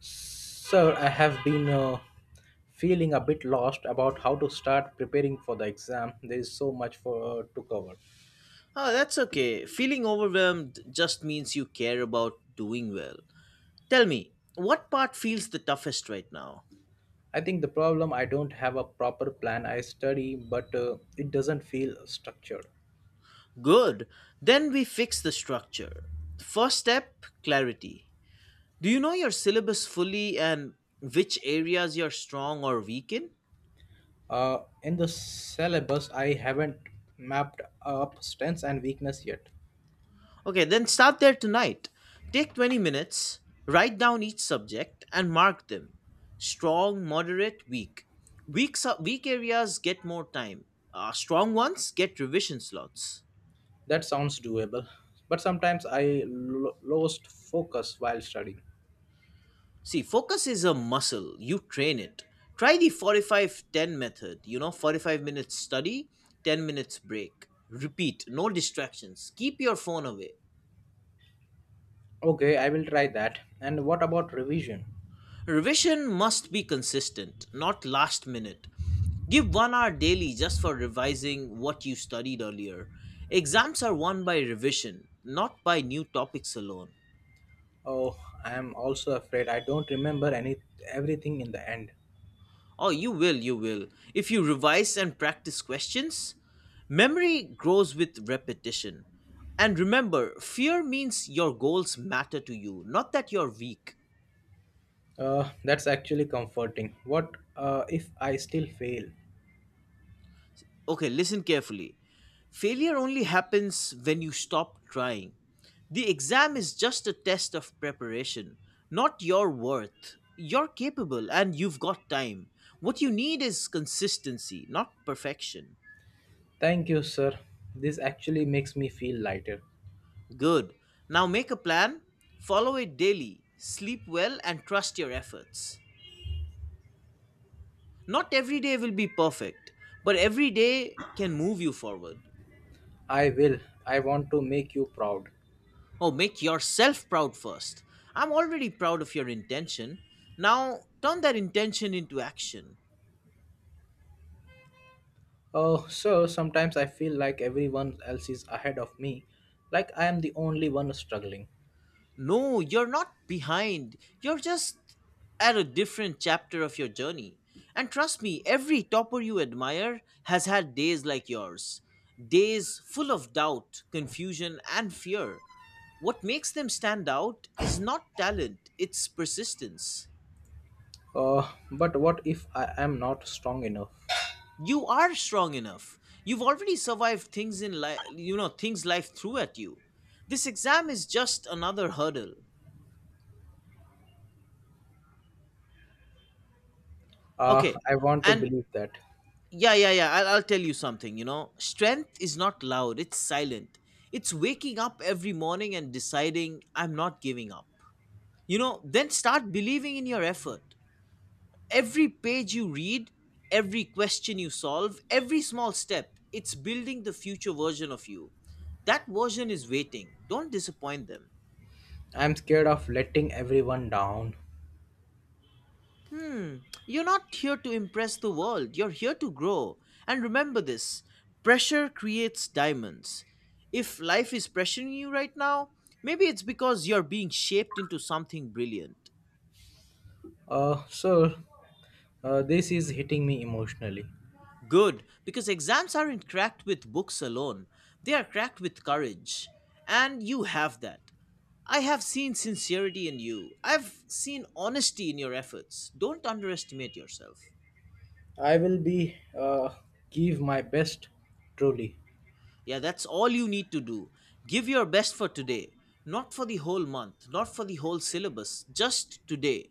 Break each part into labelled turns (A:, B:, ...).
A: Sir, I have been feeling a bit lost about how to start preparing for the exam. There is so much for to cover.
B: Oh, that's okay. Feeling overwhelmed just means you care about doing well. Tell me, what part feels the toughest right now?
A: I think the problem I don't have a proper plan. I study, but it doesn't feel structured.
B: Good. Then we fix the structure. First step clarity. Do you know your syllabus fully and which areas you're strong or weak in?
A: In the syllabus, I haven't mapped up strengths and weakness yet.
B: Okay, then start there tonight. Take 20 minutes, write down each subject, and mark them strong, moderate, weak. Weak areas get more time, strong ones get revision slots.
A: That sounds doable, but sometimes I lost focus while studying.
B: See, focus is a muscle, you train it. Try the 45-10 method, 45 minutes study, 10 minutes break. Repeat, no distractions, keep your phone away.
A: Okay, I will try that. And what about revision?
B: Revision must be consistent, not last minute. Give 1 hour daily just for revising what you studied earlier. Exams are won by revision, not by new topics alone.
A: Oh, I am also afraid I don't remember any everything in the end.
B: Oh, you will, you will. If you revise and practice questions, memory grows with repetition. And remember, fear means your goals matter to you, not that you're weak.
A: That's actually comforting. What if I still fail?
B: Okay, listen carefully. Failure only happens when you stop trying. The exam is just a test of preparation, not your worth. You're capable and you've got time. What you need is consistency, not perfection.
A: Thank you, sir. This actually makes me feel lighter.
B: Good. Now make a plan, follow it daily, sleep well, and trust your efforts. Not every day will be perfect, but every day can move you forward.
A: I will. I want to make you proud.
B: Oh, make yourself proud first. I'm already proud of your intention. Now turn that intention into action.
A: Oh, sir, sometimes I feel like everyone else is ahead of me, like I am the only one struggling.
B: No, you're not behind. You're just at a different chapter of your journey. And trust me, every topper you admire has had days like yours. Days full of doubt, confusion, and fear. What makes them stand out is not talent, it's persistence.
A: But what if I am not strong enough?
B: You are strong enough. You've already survived things in life. Things life threw at you. This exam is just another hurdle.
A: Uh,
B: Okay.
A: I want to
B: And
A: believe that.
B: yeah, yeah, yeah, I'll tell you something. Strength is not loud, it's silent. It's waking up every morning and deciding I'm not giving up. Then start believing in your effort. Every page you read, every question you solve, every small step, it's building the future version of you. That version is waiting. Don't disappoint them.
A: I'm scared of letting everyone down.
B: Hmm, you're not here to impress the world, you're here to grow. And remember this, pressure creates diamonds. If life is pressuring you right now, maybe it's because you're being shaped into something brilliant.
A: Sir, this is hitting me emotionally.
B: Good, because exams aren't cracked with books alone, they are cracked with courage. And you have that. I have seen sincerity in you. I've seen honesty in your efforts. Don't underestimate yourself.
A: I will be give my best, truly.
B: Yeah, that's all you need to do. Give your best for today, not for the whole month, not for the whole syllabus, just today.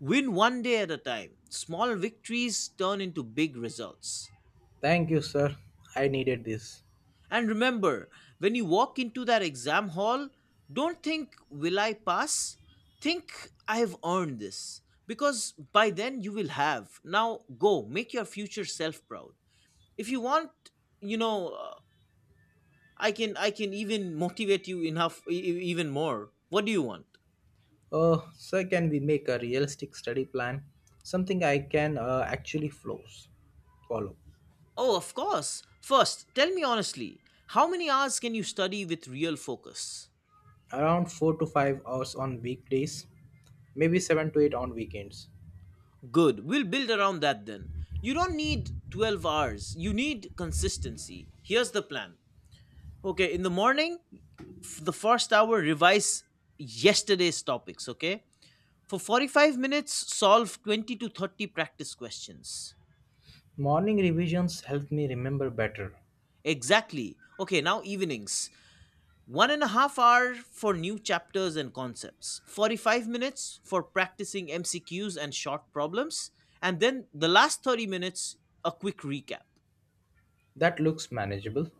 B: Win one day at a time. Small victories turn into big results.
A: Thank you, sir. I needed this.
B: And remember, when you walk into that exam hall, don't think, will I pass? Think, I've earned this. Because by then you will have. Now go, make your future self proud. If you want, you know, uh, I can even motivate you enough even more. What do you want?
A: Sir, can we make a realistic study plan? Something I can actually follow.
B: Oh, of course. First, tell me honestly, how many hours can you study with real focus?
A: Around 4 to 5 hours on weekdays, maybe seven to eight on weekends.
B: Good. We'll build around that then. You don't need 12 hours. You need consistency. Here's the plan. Okay, in the morning, the first hour, revise yesterday's topics, okay? For 45 minutes, solve 20 to 30 practice questions.
A: Morning revisions help me remember better.
B: Exactly. Okay, now evenings. 1.5 hours for new chapters and concepts. 45 minutes for practicing MCQs and short problems. And then the last 30 minutes, a quick recap.
A: That looks manageable.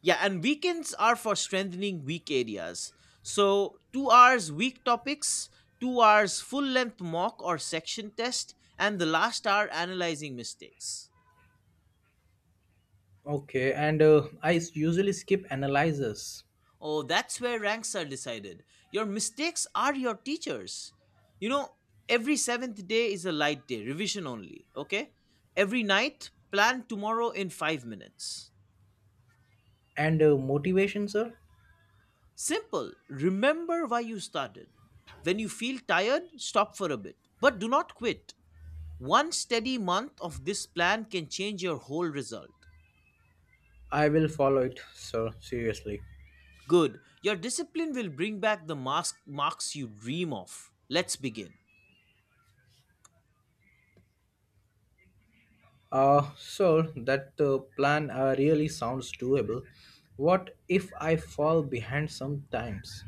B: Yeah, and weekends are for strengthening weak areas. So, 2 hours weak topics, 2 hours full length mock or section test, and the last hour analyzing mistakes.
A: Okay, and I usually skip analyzers.
B: Oh, that's where ranks are decided. Your mistakes are your teachers. You know, every seventh day is a light day, revision only, okay? Every night, plan tomorrow in 5 minutes.
A: And motivation, sir?
B: Simple. Remember why you started. When you feel tired, stop for a bit, but do not quit. One steady month of this plan can change your whole result.
A: I will follow it, sir, seriously.
B: Good. Your discipline will bring back the mask marks you dream of. Let's begin.
A: Sir, that plan really sounds doable. What if I fall behind sometimes?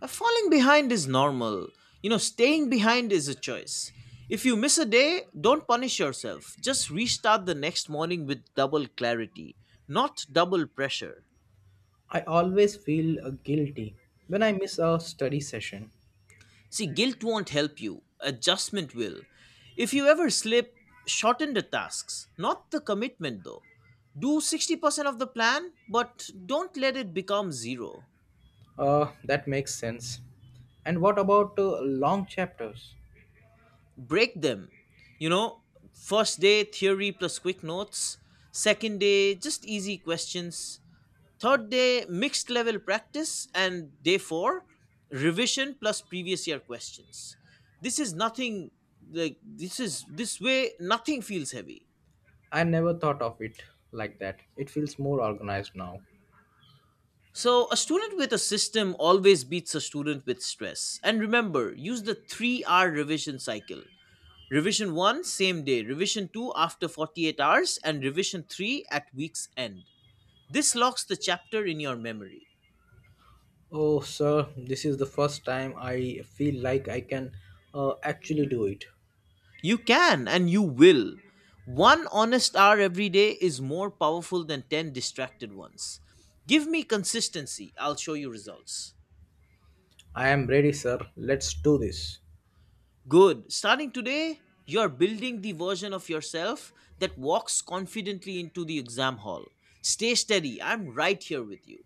B: A falling behind is normal. Staying behind is a choice. If you miss a day, don't punish yourself. Just restart the next morning with double clarity, not double pressure.
A: I always feel guilty when I miss a study session.
B: See, guilt won't help you, adjustment will. If you ever slip, shorten the tasks, not the commitment though. Do 60% of the plan, but don't let it become zero.
A: That makes sense. And what about long chapters?
B: Break them. You know, First day, theory plus quick notes. Second day, just easy questions. Third day, mixed level practice. And day four, revision plus previous year questions. This is nothing like this is this way nothing feels heavy.
A: I never thought of it like that. It feels more organized now.
B: So, a student with a system always beats a student with stress. And remember, use the 3-hour revision cycle. Revision 1, same day. Revision 2, after 48 hours. And revision 3, at week's end. This locks the chapter in your memory.
A: Oh, sir, this is the first time I feel like I can actually do it.
B: You can and you will. One honest hour every day is more powerful than 10 distracted ones. Give me consistency, I'll show you results.
A: I am ready, sir. Let's do this.
B: Good. Starting today, you're building the version of yourself that walks confidently into the exam hall. Stay steady. I'm right here with you.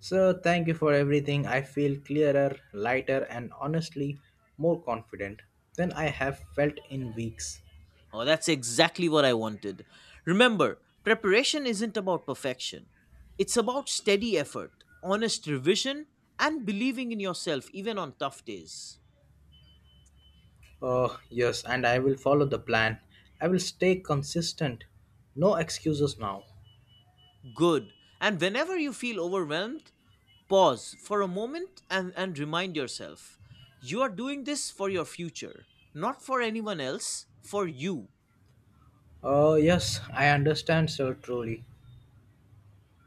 A: Sir, thank you for everything. I feel clearer, lighter, and honestly more confident than I have felt in weeks.
B: Oh, that's exactly what I wanted. Remember, preparation isn't about perfection, it's about steady effort, honest revision, and believing in yourself even on tough days.
A: Oh, yes, and I will follow the plan. I will stay consistent. No excuses now.
B: Good. And whenever you feel overwhelmed, pause for a moment and remind yourself you are doing this for your future, not for anyone else, for you.
A: Oh, yes, I understand, sir, truly.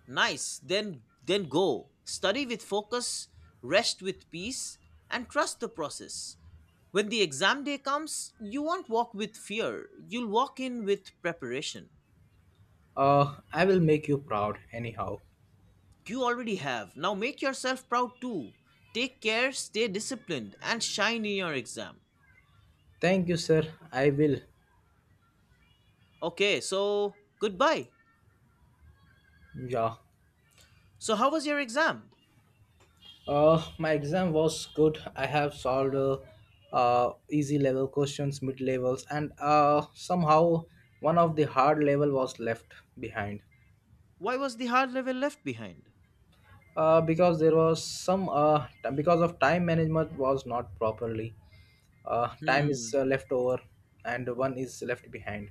B: Nice. Then go. Study with focus, rest with peace, and trust the process. When the exam day comes, you won't walk with fear. You'll walk in with preparation.
A: I will make you proud, anyhow.
B: You already have. Now make yourself proud too. Take care, stay disciplined, and shine in your exam.
A: Thank you, sir. I will.
B: Okay, so goodbye.
A: Yeah.
B: So, how was your exam?
A: My exam was good. I have solved easy level questions, mid levels, and somehow one of the hard level was left behind,
B: Why was the hard level left behind?
A: because there was some because of time management was not properly. Time
B: Hmm.
A: is left over, and one is left behind.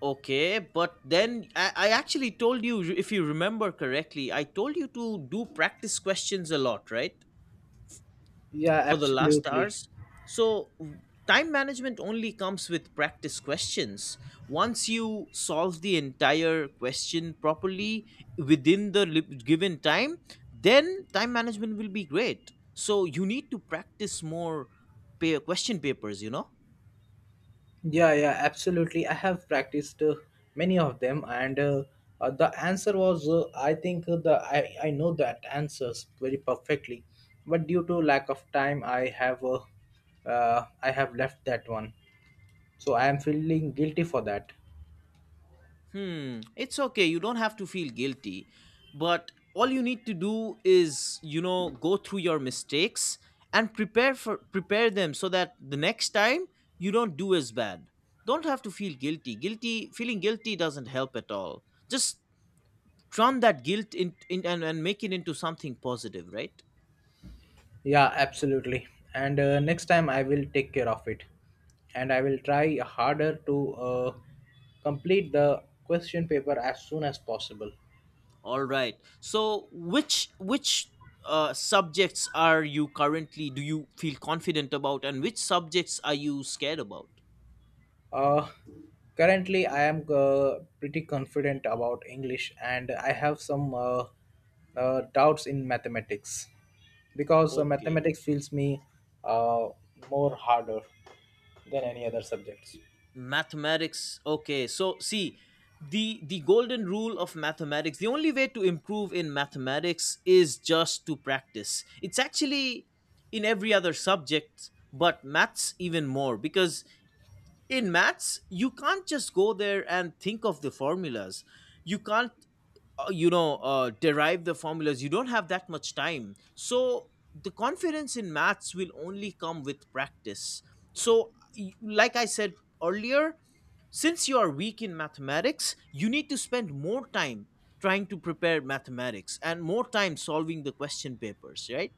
B: Okay, but then I actually told you, if you remember correctly, I told you to do practice questions a lot, right?
A: Yeah,
B: For the last
A: absolutely.
B: hours. So time management only comes with practice questions. Once you solve the entire question properly within the given time, then time management will be great. So you need to practice more question papers, you know?
A: Yeah, yeah, absolutely. I have practiced many of them, and the answer was I think the I know that answers very perfectly, but due to lack of time, I have left that one. So I am feeling guilty for that.
B: Hmm, it's okay. You don't have to feel guilty. But all you need to do is, go through your mistakes and prepare them so that the next time you don't do as bad. Don't have to feel guilty. Feeling guilty doesn't help at all. Just turn that guilt in and make it into something positive, right?
A: Yeah, absolutely. And next time I will take care of it, and I will try harder to complete the question paper as soon as possible.
B: All right. So which subjects are you currently do you feel confident about and which subjects are you scared about?
A: Uh, currently, I am pretty confident about English, and I have some doubts in mathematics because
B: Okay.
A: mathematics feels me uh, more harder than any other subjects.
B: Mathematics, okay, so see, the golden rule of mathematics, the only way to improve in mathematics is just to practice. It's actually in every other subject, but maths even more, because in maths you can't just go there and think of the formulas. You can't, derive the formulas. You don't have that much time. So the confidence in maths will only come with practice. So, like I said earlier, since you are weak in mathematics, you need to spend more time trying to prepare mathematics and more time solving the question papers, right?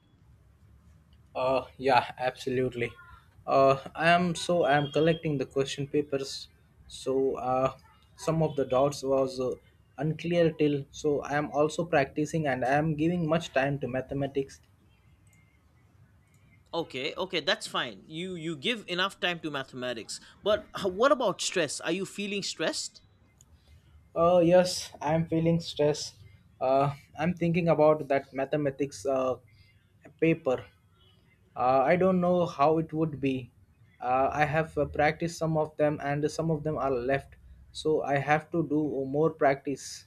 A: Yeah, absolutely. I am collecting the question papers. So some of the doubts was unclear till. So I am also practicing and I am giving much time to mathematics.
B: Okay, okay, that's fine. You give enough time to mathematics, but what about stress? Are you feeling stressed?
A: Yes, I'm feeling stress. I'm thinking about that mathematics paper. I don't know how it would be. I have practiced some of them, and some of them are left. So I have to do more practice,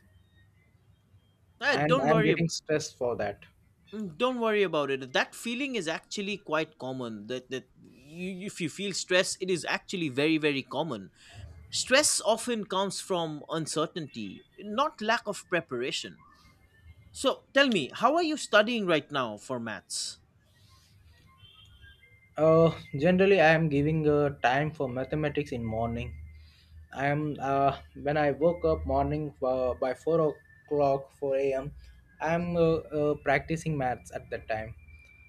B: Eh,
A: and
B: don't
A: I'm
B: worry
A: getting
B: ab-
A: stressed for that.
B: don't worry about it. That feeling is actually quite common. If you feel stress, it is actually very very common. Stress often comes from uncertainty, not lack of preparation. So tell me, how are you studying right now for maths?
A: Generally, I am giving time for mathematics in morning. I am when I woke up morning by 4 o'clock, four a.m. I am practicing maths at that time.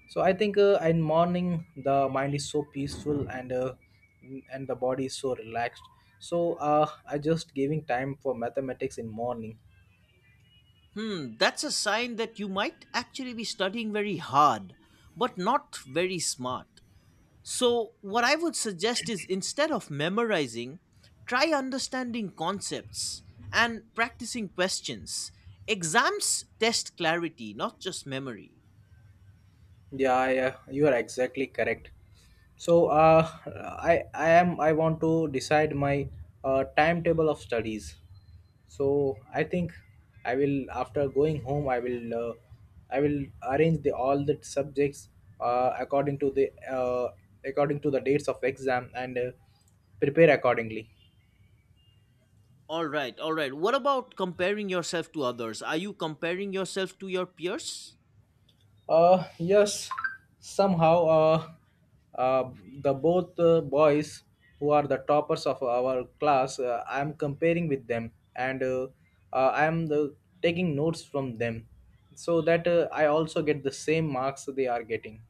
A: So I think in morning the mind is so peaceful and the body is so relaxed. So I just giving time for mathematics in morning.
B: Hmm, that's a sign that you might actually be studying very hard, but not very smart. So, what I would suggest is instead of memorizing, try understanding concepts and practicing questions. Exams test clarity, not just memory.
A: Yeah, yeah, you are exactly correct. So I want to decide my timetable of studies. So I think I will after going home I will i will arrange the all the subjects uh, according to the uh, according to the dates of exam and prepare accordingly.
B: All right, all right. What about comparing yourself to others? Are you comparing yourself to your peers?
A: Yes, somehow uh the both boys who are the toppers of our class, I am comparing with them and I am the taking notes from them so that I also get the same marks they are getting.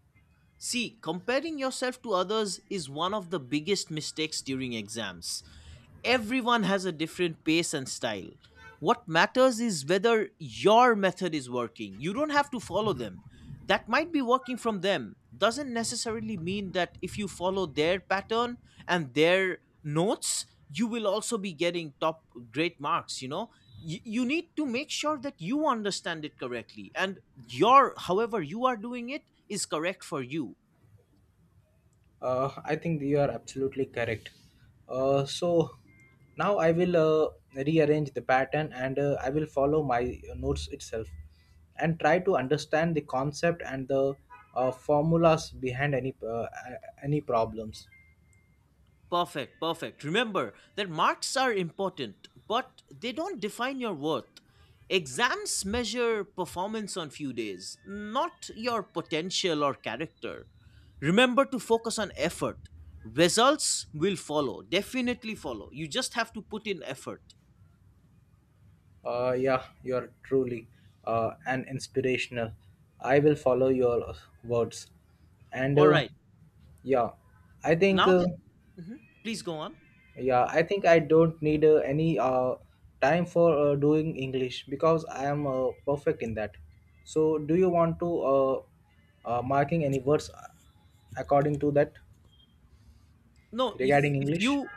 B: See, comparing yourself to others is one of the biggest mistakes during exams. Everyone has a different pace and style. What matters is whether your method is working. You don't have to follow them. That might be working from them. Doesn't necessarily mean that if you follow their pattern and their notes, you will also be getting top great marks, you know? You need to make sure that you understand it correctly and your however you are doing it is correct for you.
A: I think you are absolutely correct. So now I will rearrange the pattern and I will follow my notes itself and try to understand the concept and the formulas behind any problems.
B: Perfect, perfect. Remember that marks are important, but they don't define your worth. Exams measure performance on few days, not your potential or character. Remember to focus on effort. Results will follow, definitely follow. You just have to put in effort.
A: Yeah, you are truly an inspirational. I will follow your words and
B: All right.
A: yeah, I think.
B: Now that. Mhm. Please go on.
A: Yeah, I think I don't need any time for doing English because I am perfect in that. So, do you want to marking any words according to that
B: no
A: regarding
B: if if
A: English?
B: you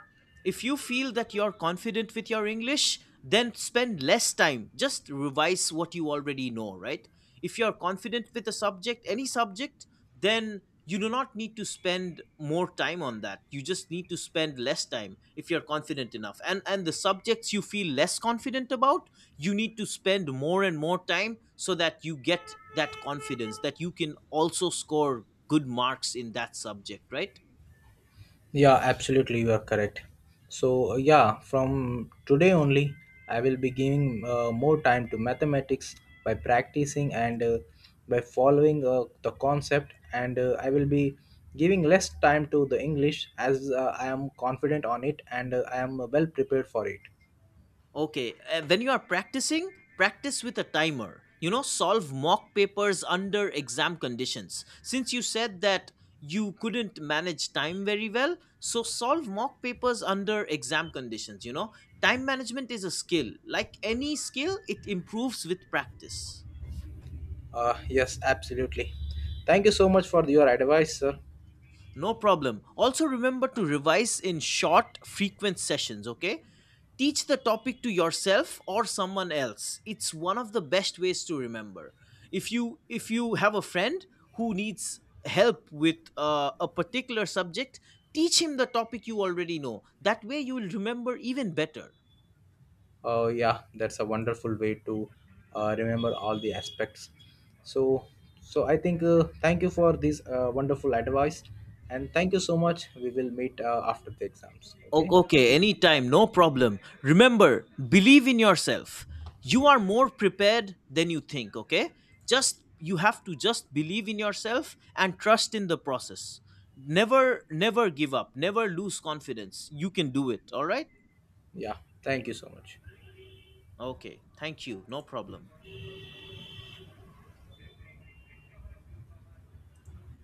B: if you feel that you're confident with your english, then spend less time, just revise what you already know, right? If you're confident with a subject, any subject, then you do not need to spend more time on that. You just need to spend less time if you're confident enough. And the subjects you feel less confident about, you need to spend more and more time so that you get that confidence that you can also score good marks in that subject, right?
A: Yeah, absolutely, you are correct. So, yeah, from today only, I will be giving more time to mathematics by practicing and by following the concept, and I will be giving less time to the English as I am confident on it and I am well prepared for it.
B: Okay, when you are practicing, practice with a timer. Solve mock papers under exam conditions. Since you said that you couldn't manage time very well, so solve mock papers under exam conditions. Time management is a skill. Like any skill, it improves with practice.
A: Yes, absolutely. Thank you so much for your advice, sir.
B: No problem. Also, remember to revise in short, frequent sessions, okay? Teach the topic to yourself or someone else. It's one of the best ways to remember. If you have a friend who needs help with a particular subject, teach him the topic you already know. That way you will remember even better.
A: Yeah, that's a wonderful way to remember all the aspects. So, so I think thank you for this wonderful advice, and thank you so much. We will meet after the exams. Okay?
B: O- okay, anytime, no problem. Remember, believe in yourself. You are more prepared than you think, okay? Just you have to just believe in yourself and trust in the process. Never give up. Never lose confidence. You can do it, all right?
A: Yeah. Thank you so much.
B: Okay. Thank you. No problem.